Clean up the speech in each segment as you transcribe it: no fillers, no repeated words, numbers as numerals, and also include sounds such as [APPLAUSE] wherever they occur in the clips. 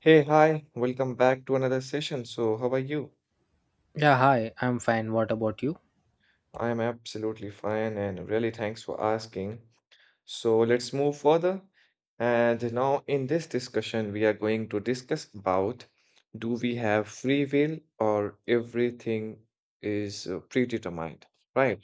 Hey, hi, welcome back to another session. So, how are you? Yeah, hi, I'm fine. What about you? I am absolutely fine and really thanks for asking. So, let's move further. And now, in this discussion, we are going to discuss about do we have free will or everything is predetermined, right?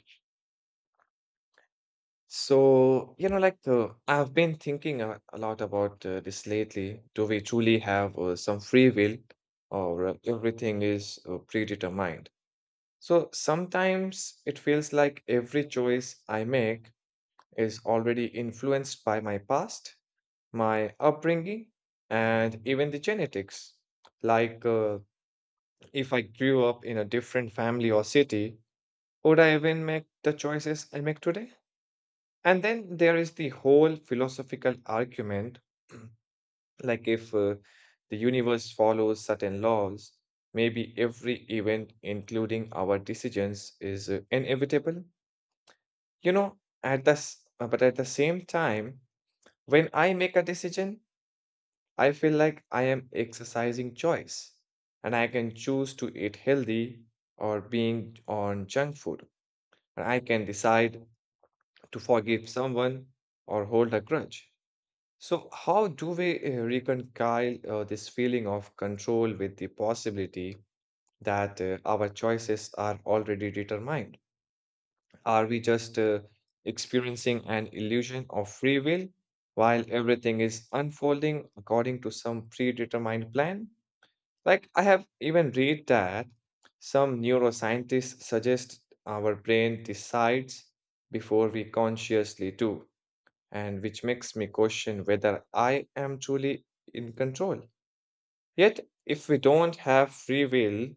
So, I've been thinking a lot about this lately. Do we truly have some free will or everything is predetermined? So sometimes it feels like every choice I make is already influenced by my past, my upbringing, and even the genetics. Like uh, if I grew up in a different family or city, would I even make the choices I make today? And then there is the whole philosophical argument [CLEARS THROAT] like if the universe follows certain laws, maybe every event, including our decisions, is inevitable. You know, but at the same time, when I make a decision, I feel like I am exercising choice and I can choose to eat healthy or being on junk food. And I can decide to forgive someone or hold a grudge. So, how do we reconcile this feeling of control with the possibility that our choices are already determined? Are we just experiencing an illusion of free will while everything is unfolding according to some predetermined plan? Like, I have even read that some neuroscientists suggest our brain decides before we consciously do, and which makes me question whether I am truly in control. Yet, if we don't have free will,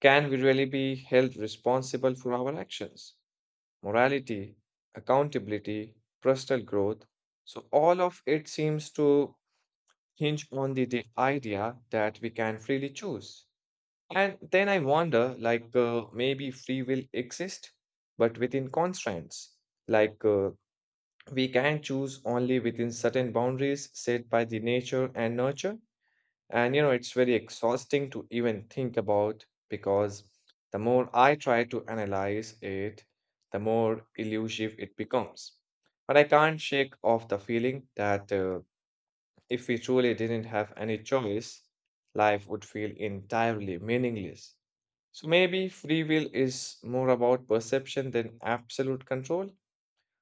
can we really be held responsible for our actions? Morality, accountability, personal growth. So, all of it seems to hinge on the idea that we can freely choose. And then I wonder maybe free will exists, but within constraints. Like, uh, we can choose only within certain boundaries set by the nature and nurture. And you know, it's very exhausting to even think about because the more I try to analyze it, the more elusive it becomes. But I can't shake off the feeling that if we truly didn't have any choice, life would feel entirely meaningless. So maybe free will is more about perception than absolute control.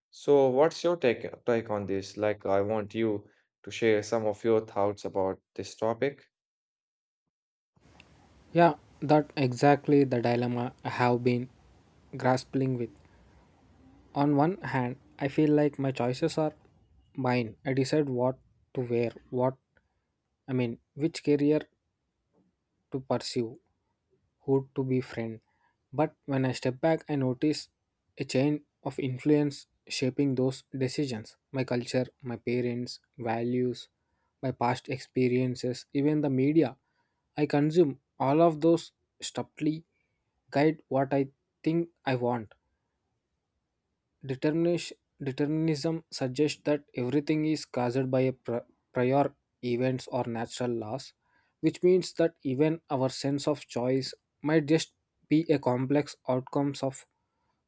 So what's your take on this? Like I want you to share some of your thoughts about this topic. Yeah, that exactly the dilemma I have been grappling with. On one hand, I feel like my choices are mine. I decide what to wear, what which career to pursue, who to be friend. But when I step back, I notice a chain of influence shaping those decisions my culture, my parents, values, my past experiences, even the media. I consume all of those stupidly guide what I think I want. Determination, determinism suggests that everything is caused by a prior events or natural laws, which means that even our sense of choice might just be a complex outcomes of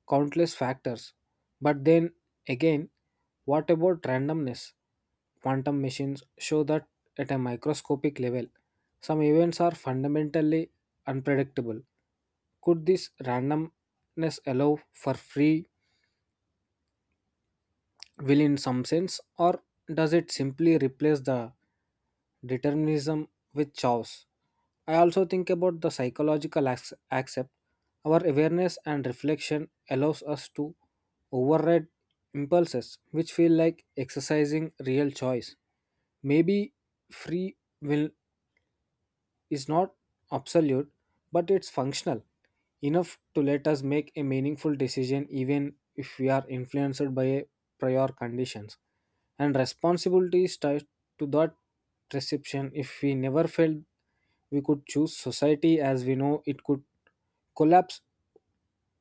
countless factors. But then again, what about randomness? Quantum machines show that at a microscopic level, some events are fundamentally unpredictable. Could this randomness allow for free will in some sense, or does it simply replace the determinism with chaos? I also think about the psychological accept. Our awareness and reflection allows us to override impulses which feel like exercising real choice. Maybe free will is not absolute, but it's functional enough to let us make a meaningful decision even if we are influenced by a prior conditions. And responsibility is tied to that perception. If we never felt we could choose society as we know it could collapse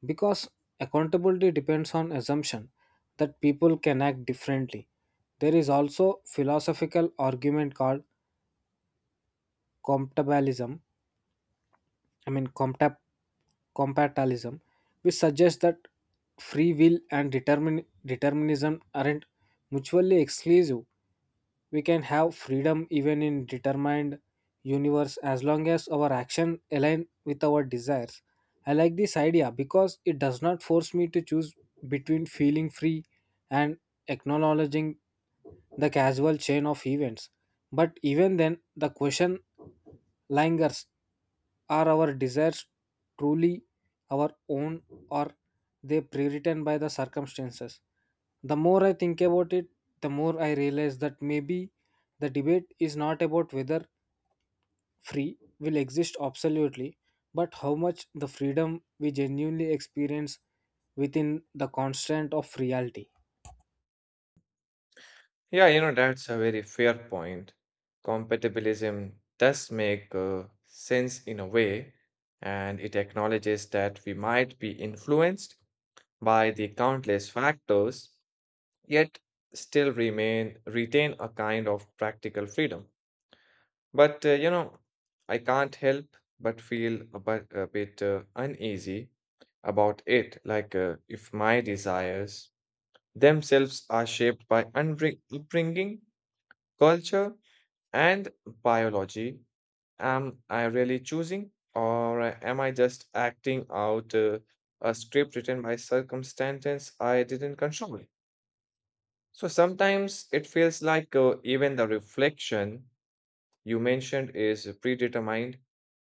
because accountability depends on assumption that people can act differently. There is also philosophical argument called compatibilism I mean, compta- compatibilism, which suggests that free will and determinism aren't mutually exclusive. We can have freedom even in determined universe as long as our action align with our desires. I like this idea because it does not force me to choose between feeling free and acknowledging the casual chain of events. But even then, the question lingers are our desires truly our own or they pre-written by the circumstances. The more I think about it, the more I realize that maybe the debate is not about whether free will exist absolutely, but how much the freedom we genuinely experience within the constraint of reality. Yeah, you know, that's a very fair point. Compatibilism does make sense in a way, and it acknowledges that we might be influenced by the countless factors, yet still remain retain a kind of practical freedom. But you know, I can't help but feel a bit uneasy about it. If my desires themselves are shaped by upbringing, culture and biology, am I really choosing or am I just acting out a script written by circumstances I didn't control? So sometimes it feels like even the reflection you mentioned is predetermined.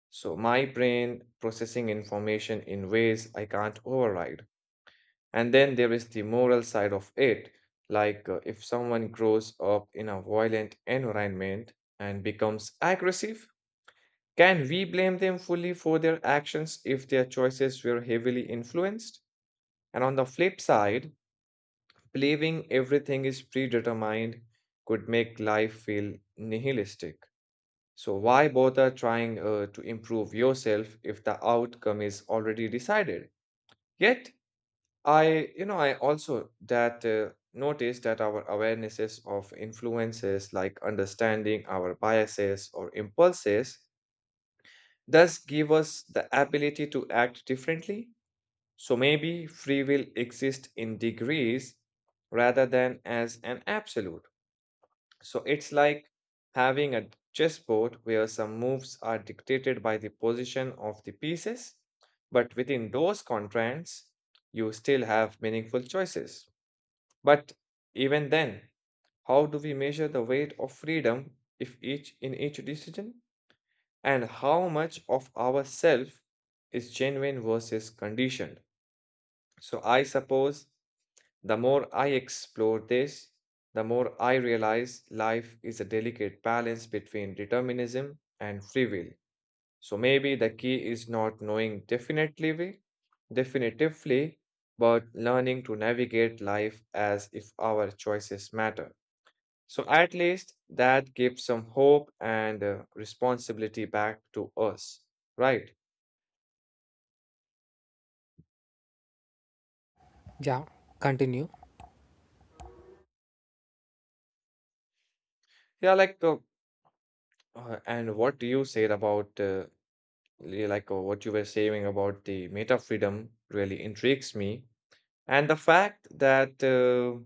So my brain processing information in ways I can't override. And then there is the moral side of it. If someone grows up in a violent environment and becomes aggressive, can we blame them fully for their actions if their choices were heavily influenced? And on the flip side, believing everything is predetermined could make life feel nihilistic. So, why bother trying to improve yourself if the outcome is already decided? Yet, I also that notice that our awarenesses of influences like understanding our biases or impulses thus give us the ability to act differently. So maybe free will exists in degrees rather than as an absolute. So it's like having a chessboard where some moves are dictated by the position of the pieces, but within those constraints, you still have meaningful choices. But even then, how do we measure the weight of freedom if each decision? And how much of ourself is genuine versus conditioned. So I suppose the more I explore this, the more I realize life is a delicate balance between determinism and free will. So maybe the key is not knowing definitively, but learning to navigate life as if our choices matter. So at least that gives some hope and responsibility back to us, right? Yeah, continue. Yeah, and what you said about what you were saying about the meta freedom really intrigues me, and the fact that uh,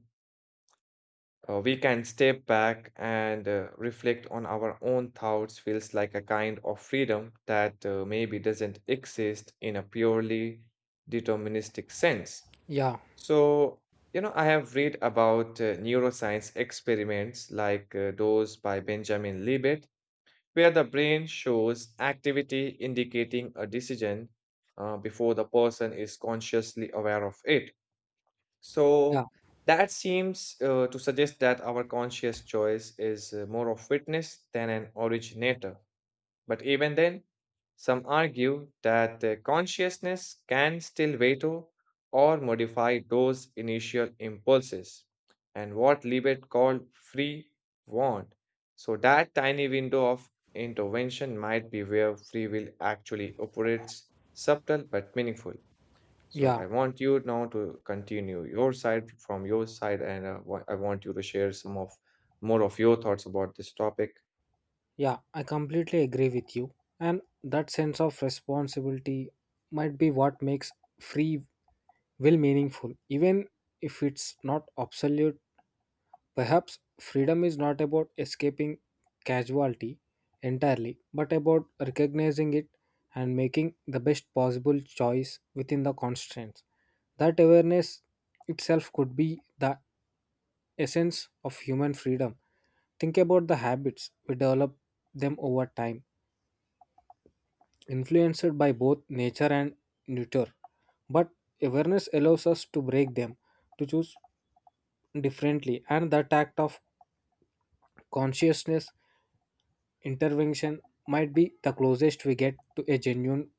uh, we can step back and reflect on our own thoughts feels like a kind of freedom that maybe doesn't exist in a purely deterministic sense. yeah So, you know, I have read about neuroscience experiments like those by Benjamin Libet where the brain shows activity indicating a decision before the person is consciously aware of it. yeah So that seems to suggest that our conscious choice is more of witness than an originator. But even then, some argue that the consciousness can still veto or modify those initial impulses and what Libet called free want. So, that tiny window of intervention might be where free will actually operates, subtle but meaningful. So, yeah I want you now to continue your side from your side, and I want you to share some of more of your thoughts about this topic. Yeah, I completely agree with you. And that sense of responsibility might be what makes free will meaningful. Even if it's not absolute, perhaps freedom is not about escaping casualty entirely, but about recognizing it and making the best possible choice within the constraints. That awareness itself could be the essence of human freedom. Think about the habits we develop them over time influenced by both nature and nurture. But awareness allows us to break them, to choose differently, and that act of consciousness intervention might be the closest we get to a genuine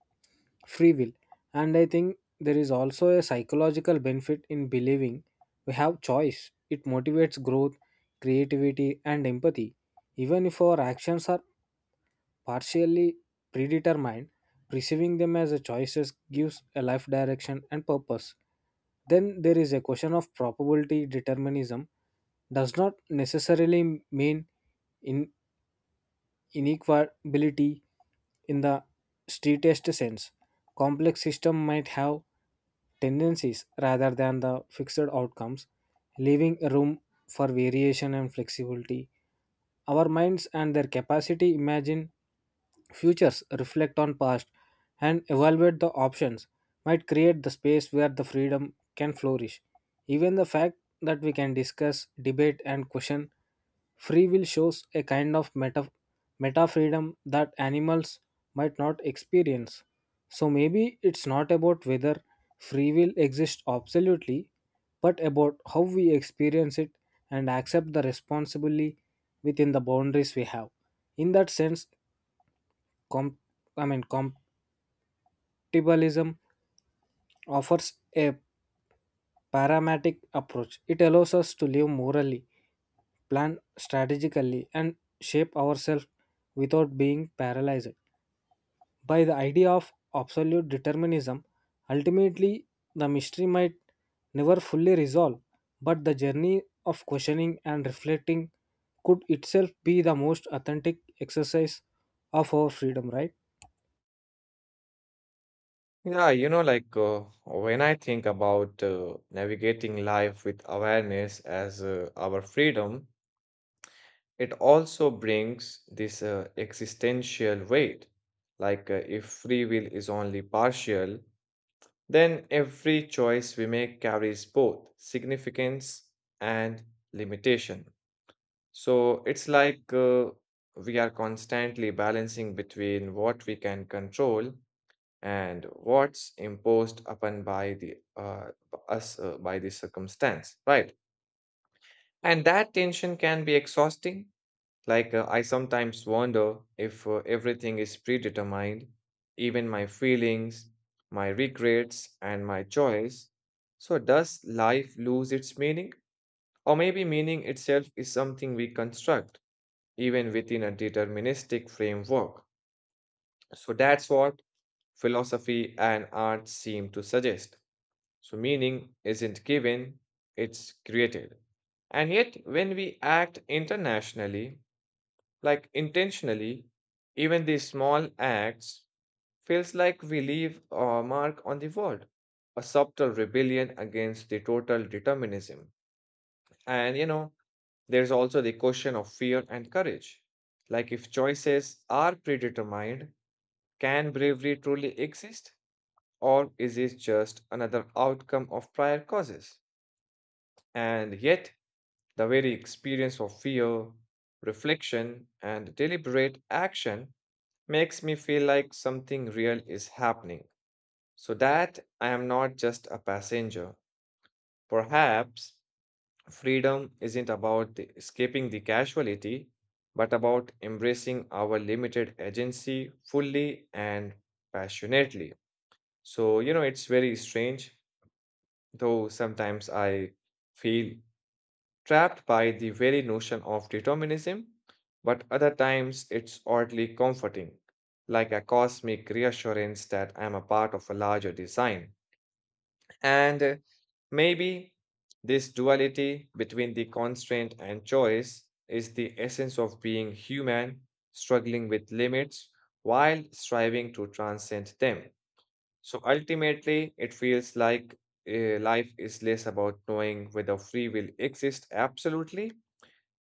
free will. And I think there is also a psychological benefit in believing we have choice. It motivates growth, creativity, and empathy, even if our actions are partially predetermined, perceiving them as a choices gives a life direction and purpose. Then there is a question of probability determinism does not necessarily mean inequality in the streetest sense. Complex system might have tendencies rather than the fixed outcomes, leaving room for variation and flexibility. Our minds and their capacity imagine futures, reflect on past, and evaluate the options might create the space where the freedom can flourish. Even the fact that we can discuss, debate, and question free will shows a kind of meta freedom that animals might not experience. So maybe it's not about whether free will exists absolutely, but about how we experience it and accept the responsibility within the boundaries we have. In that sense, com- I mean, compatibilism offers a parametric approach. It allows us to live morally, plan strategically, and shape ourselves without being paralyzed. By the idea of absolute determinism, ultimately the mystery might never fully resolve, but the journey of questioning and reflecting could itself be the most authentic exercise of our freedom, right? Yeah, when I think about navigating life with awareness as our freedom, it also brings this existential weight. If free will is only partial, then every choice we make carries both significance and limitation. So it's like we are constantly balancing between what we can control and what's imposed upon by the b- us by the circumstance, right? And that tension can be exhausting. I sometimes wonder if everything is predetermined, even my feelings, my regrets and my joys. So does life lose its meaning, or maybe meaning itself is something we construct even within a deterministic framework? So that's what philosophy and art seem to suggest. So meaning isn't given, it's created. And yet, when we act internationally, like intentionally, even these small acts feels like we leave a mark on the world, a subtle rebellion against the total determinism. And you know, there's also the question of fear and courage. Like if choices are predetermined, can bravery truly exist? Or is it just another outcome of prior causes? And yet, the very experience of fear, reflection, and deliberate action makes me feel like something real is happening, so that I am not just a passenger. Perhaps freedom isn't about escaping the casualty, but about embracing our limited agency fully and passionately. So, you know, it's very strange, though sometimes I feel trapped by the very notion of determinism, but other times it's oddly comforting, like a cosmic reassurance that I'm a part of a larger design. And maybe this duality between the constraint and choice is the essence of being human, struggling with limits while striving to transcend them. So ultimately, it feels like life is less about knowing whether free will exists absolutely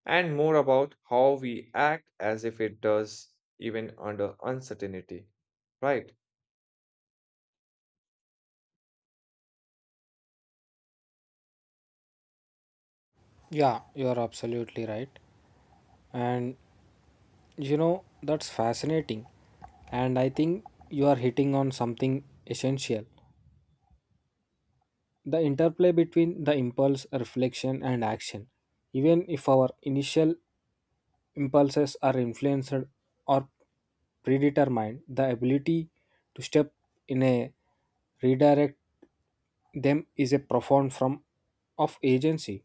and more about how we act as if it does, even under uncertainty. Right. Yeah, you are absolutely right. And you know, that's fascinating. And I think you are hitting on something essential the interplay between the impulse, reflection, and action. Even if our initial impulses are influenced or predetermined, the ability to step in a redirect them is a profound form of agency.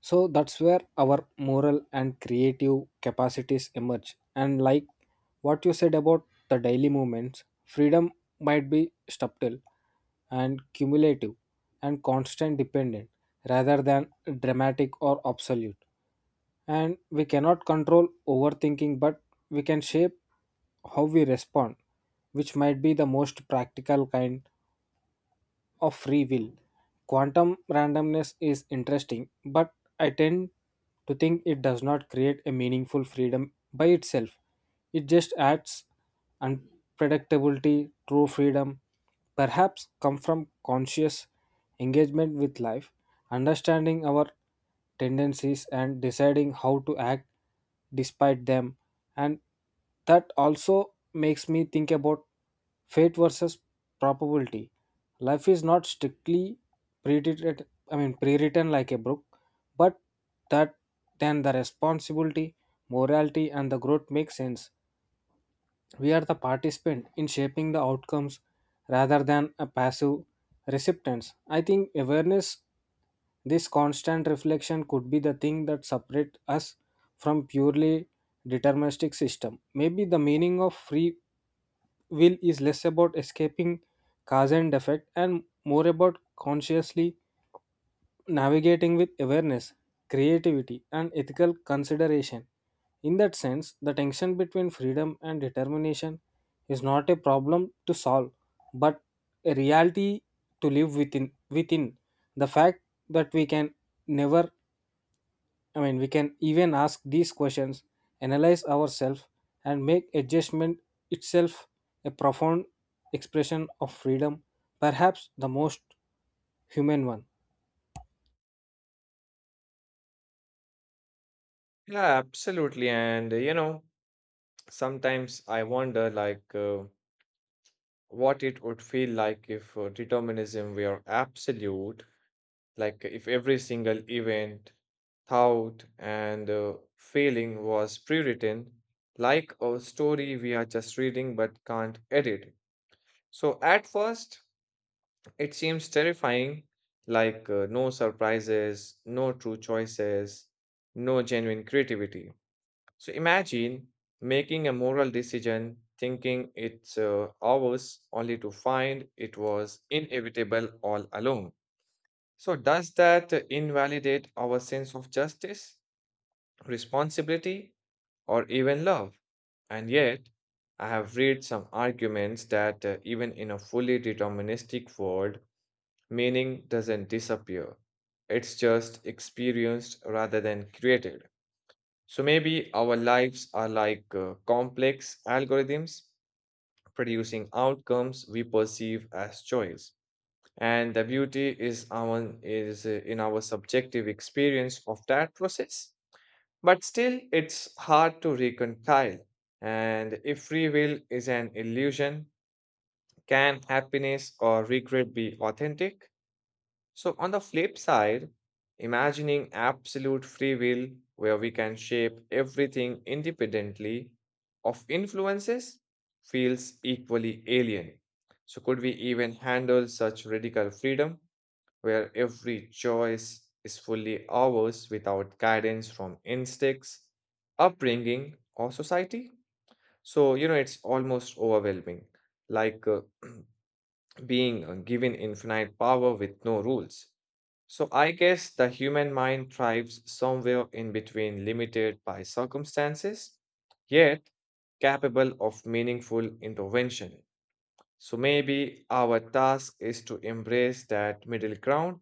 So that's where our moral and creative capacities emerge. And like what you said about the daily movements, freedom might be subtle and cumulative and constant dependent rather than dramatic or absolute, and we cannot control overthinking but we can shape how we respond, which might be the most practical kind of free will. Quantum randomness is interesting, but I tend to think it does not create a meaningful freedom by itself. It just adds unpredictability, true freedom, perhaps come from conscious engagement with life, understanding our tendencies and deciding how to act despite them. And that also makes me think about fate versus probability. Life is not strictly pre-written I mean pre-written like a book, but that then the responsibility, morality and the growth make sense. We are the participant in shaping the outcomes rather than a passive recipients. I think awareness, this constant reflection could be the thing that separate us from purely deterministic system. Maybe the meaning of free will is less about escaping cause and effect and more about consciously navigating with awareness, creativity, and ethical consideration. In that sense, the tension between freedom and determination is not a problem to solve, but a reality to live within. Within the fact that we can never I mean, we can even ask these questions, analyze ourselves, and make adjustment itself a profound expression of freedom, perhaps the most human one. Yeah, absolutely. And, you know, sometimes I wonder, what it would feel like if determinism were absolute, like, if every single event, thought, and feeling was pre-written, like a story we are just reading but can't edit. So, at first, it seems terrifying, no surprises, no true choices, no genuine creativity. So imagine making a moral decision, thinking it's ours, only to find it was inevitable all along. So, does that invalidate our sense of justice, responsibility, or even love? And yet, I have read some arguments that even in a fully deterministic world, meaning doesn't disappear, it's just experienced rather than created. So maybe our lives are like complex algorithms producing outcomes we perceive as choice. And the beauty is in our subjective experience of that process. But still, it's hard to reconcile. And if free will is an illusion, can happiness or regret be authentic? So, on the flip side, imagining absolute free will where we can shape everything independently of influences feels equally alien. So, could we even handle such radical freedom where every choice is fully ours without guidance from instincts, upbringing, or society? So, you know, it's almost overwhelming, like uh, [CLEARS THROAT] being given infinite power with no rules. So I guess the human mind thrives somewhere in between limited by circumstances, yet capable of meaningful intervention. So maybe our task is to embrace that middle ground,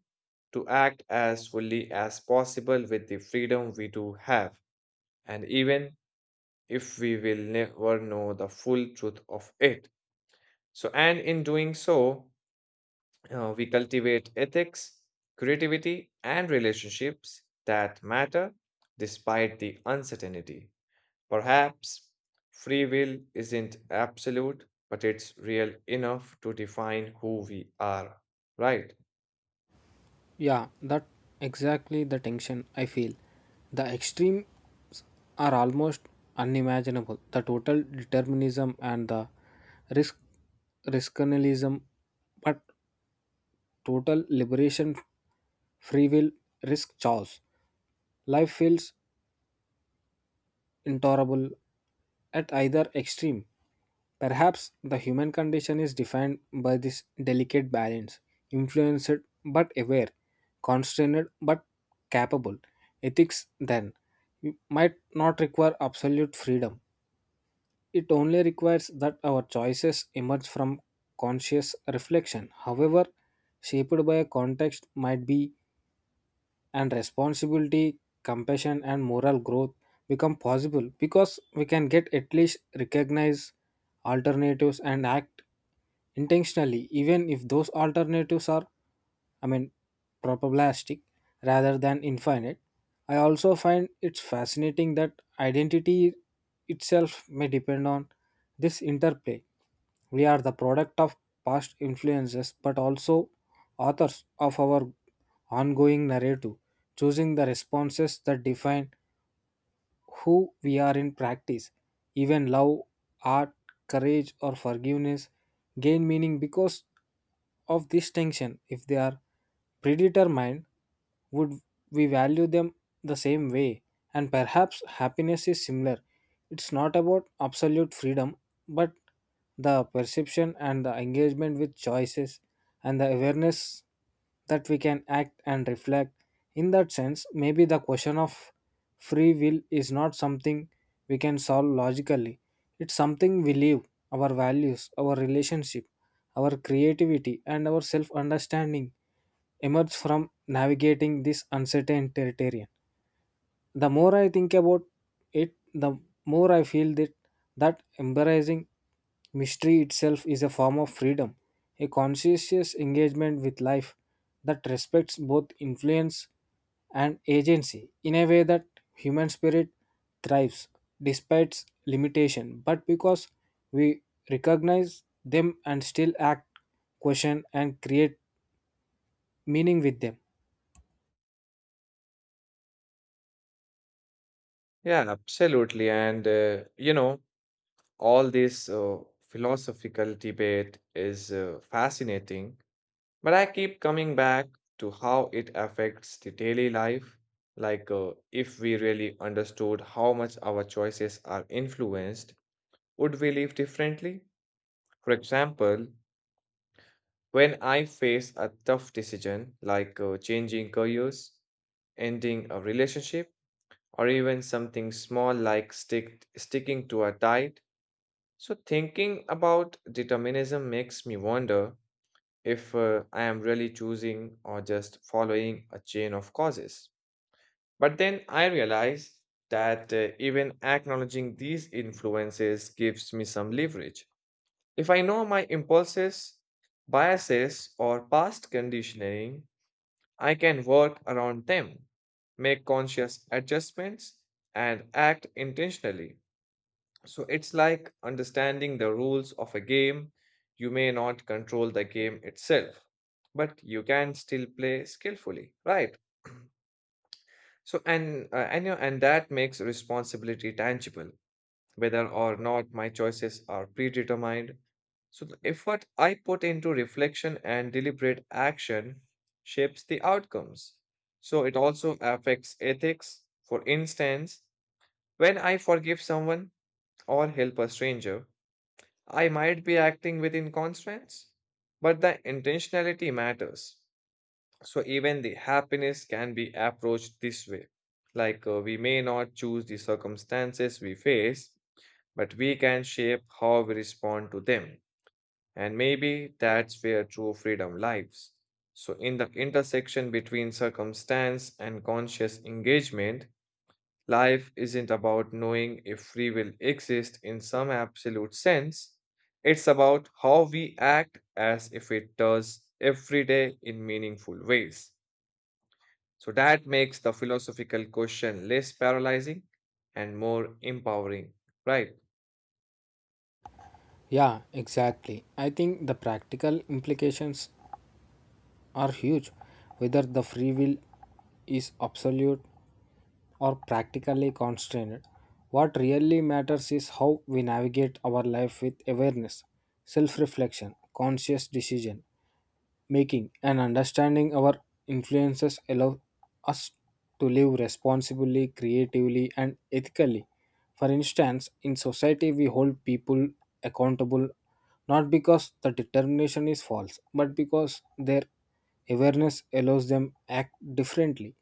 to act as fully as possible with the freedom we do have, and even if we will never know the full truth of it. So, and in doing so, we cultivate ethics, creativity, and relationships that matter despite the uncertainty. Perhaps free will isn't absolute, but it's real enough to define who we are, right? Yeah, that exactly the tension I feel. The extremes are almost unimaginable. The total determinism and the risk riskalism, but total liberation, free will, risk choice. Life feels intolerable at either extreme. Perhaps the human condition is defined by this delicate balance, influenced but aware, constrained but capable. Ethics, then, might not require absolute freedom. It only requires that our choices emerge from conscious reflection, however, shaped by a context, might be and responsibility, compassion, and moral growth become possible because we can get at least recognize alternatives and act intentionally, even if those alternatives are I mean, probabilistic rather than infinite. I also find it's fascinating that identity itself may depend on this interplay. We are the product of past influences, but also authors of our ongoing narrative, choosing the responses that define who we are in practice. Even love, art, courage, or forgiveness gain meaning because of this tension. If they are predetermined, would we value them the same way? And perhaps happiness is similar. It's not about absolute freedom, but the perception and the engagement with choices and the awareness that we can act and reflect. In that sense, maybe the question of free will is not something we can solve logically. It's something we live, our values, our relationship, our creativity, and our self understanding emerge from navigating this uncertain territory. The more I think about it, the more I feel that embracing mystery itself is a form of freedom, a conscientious engagement with life that respects both influence and agency in a way that human spirit thrives despite its limitation, but because we recognize them and still act, question, and create meaning with them. Yeah, absolutely. All this philosophical debate is fascinating. But I keep coming back to how it affects the daily life. Like, if we really understood how much our choices are influenced, would we live differently? For example, when I face a tough decision like changing careers, ending a relationship, or even something small like sticking to a diet, so thinking about determinism makes me wonder if I am really choosing or just following a chain of causes. But then I realize that even acknowledging these influences gives me some leverage. If I know my impulses, biases, or past conditioning, I can work around them, make conscious adjustments, and act intentionally. So it's like understanding the rules of a game. You may not control the game itself, but you can still play skillfully, right? And that makes responsibility tangible, whether or not my choices are predetermined. So the effort I put into reflection and deliberate action shapes the outcomes. So it also affects ethics. For instance, when I forgive someone or help a stranger, I might be acting within constraints, but the intentionality matters. So even the happiness can be approached this way. Like we may not choose the circumstances we face, but we can shape how we respond to them. And maybe that's where true freedom lies. So in the intersection between circumstance and conscious engagement, life isn't about knowing if free will exists in some absolute sense. It's about how we act as if it does every day in meaningful ways. So that makes the philosophical question less paralyzing and more empowering, right? Yeah, exactly. I think the practical implications are huge, whether the free will is absolute or practically constrained. What really matters is how we navigate our life with awareness, self reflection, conscious decision making, and understanding our influences allow us to live responsibly, creatively, and ethically. For instance, in society, we hold people accountable not because the determination is false, but because their awareness allows them act differently.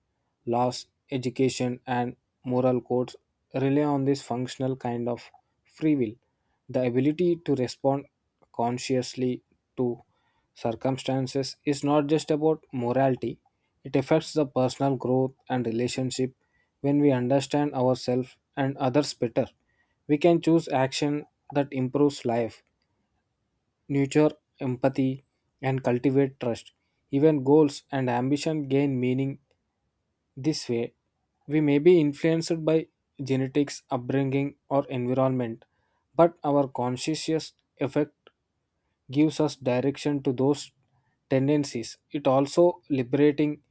Laws, education, and moral codes rely on this functional kind of free will. The ability to respond consciously to circumstances is not just about morality, it affects the personal growth and relationship. When we understand ourselves and others better, we can choose action that improves life nurture empathy, and cultivate trust. Even goals and ambition gain meaning this way. We may be influenced by genetics, upbringing, or environment, but our conscious effort gives us direction to those tendencies. It also liberating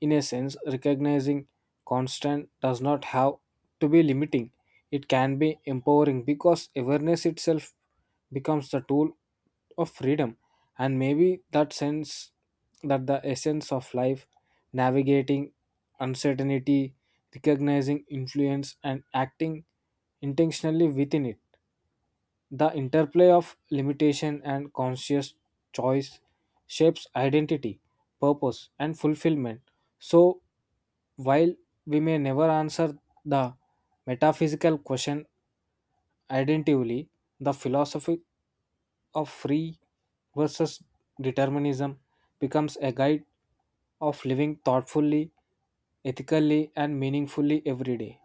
in a sense, recognizing constant does not have to be limiting. It can be empowering because awareness itself becomes the tool of freedom. And maybe that sense that the essence of life, navigating uncertainty, recognizing influence, and acting intentionally within it the interplay of limitation and conscious choice shapes identity, purpose, and fulfillment. So, while we may never answer the metaphysical question identically, the philosophy of free versus determinism becomes a guide of living thoughtfully, ethically, and meaningfully every day.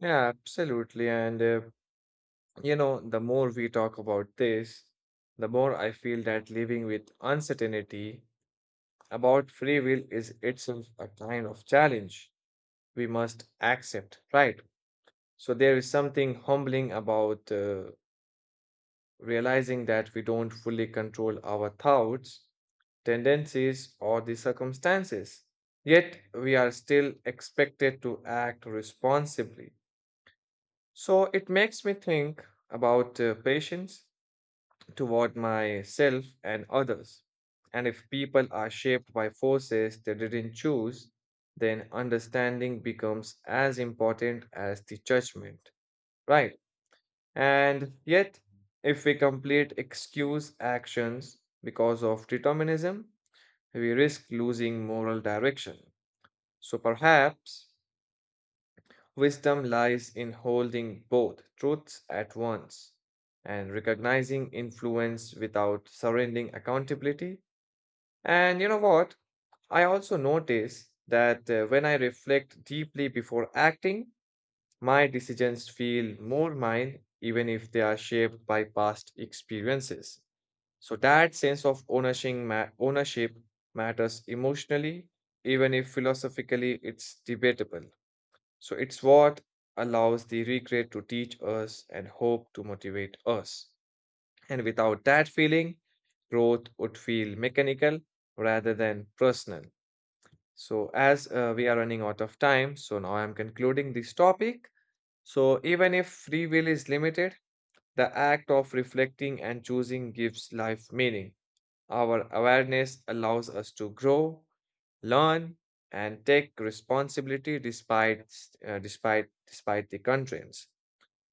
Yeah, absolutely. The more we talk about this, the more I feel that living with uncertainty about free will is itself a kind of challenge we must accept, right? So there is something humbling about realizing that we don't fully control our thoughts, tendencies, or the circumstances. Yet we are still expected to act responsibly. So it makes me think about patience toward myself and others. And if people are shaped by forces they didn't choose, then understanding becomes as important as the judgment. Right. And yet, if we complete excuse actions because of determinism, we risk losing moral direction. So perhaps wisdom lies in holding both truths at once and recognizing influence without surrendering accountability. And you know what? I also notice that when I reflect deeply before acting, my decisions feel more mine even if they are shaped by past experiences. So that sense of ownership matters emotionally, even if philosophically it's debatable. So it's what allows the regret to teach us and hope to motivate us. And without that feeling, growth would feel mechanical rather than personal. So, as we are running out of time, so now I'm concluding this topic. So, even if free will is limited, the act of reflecting and choosing gives life meaning. Our awareness allows us to grow, learn, and take responsibility despite the constraints.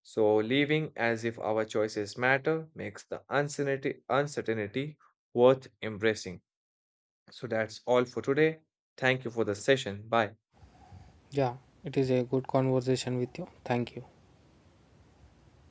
So, living as if our choices matter makes the uncertainty worth embracing. So that's all for today. Thank you for the session. Bye. Yeah, it is a good conversation with you. Thank you.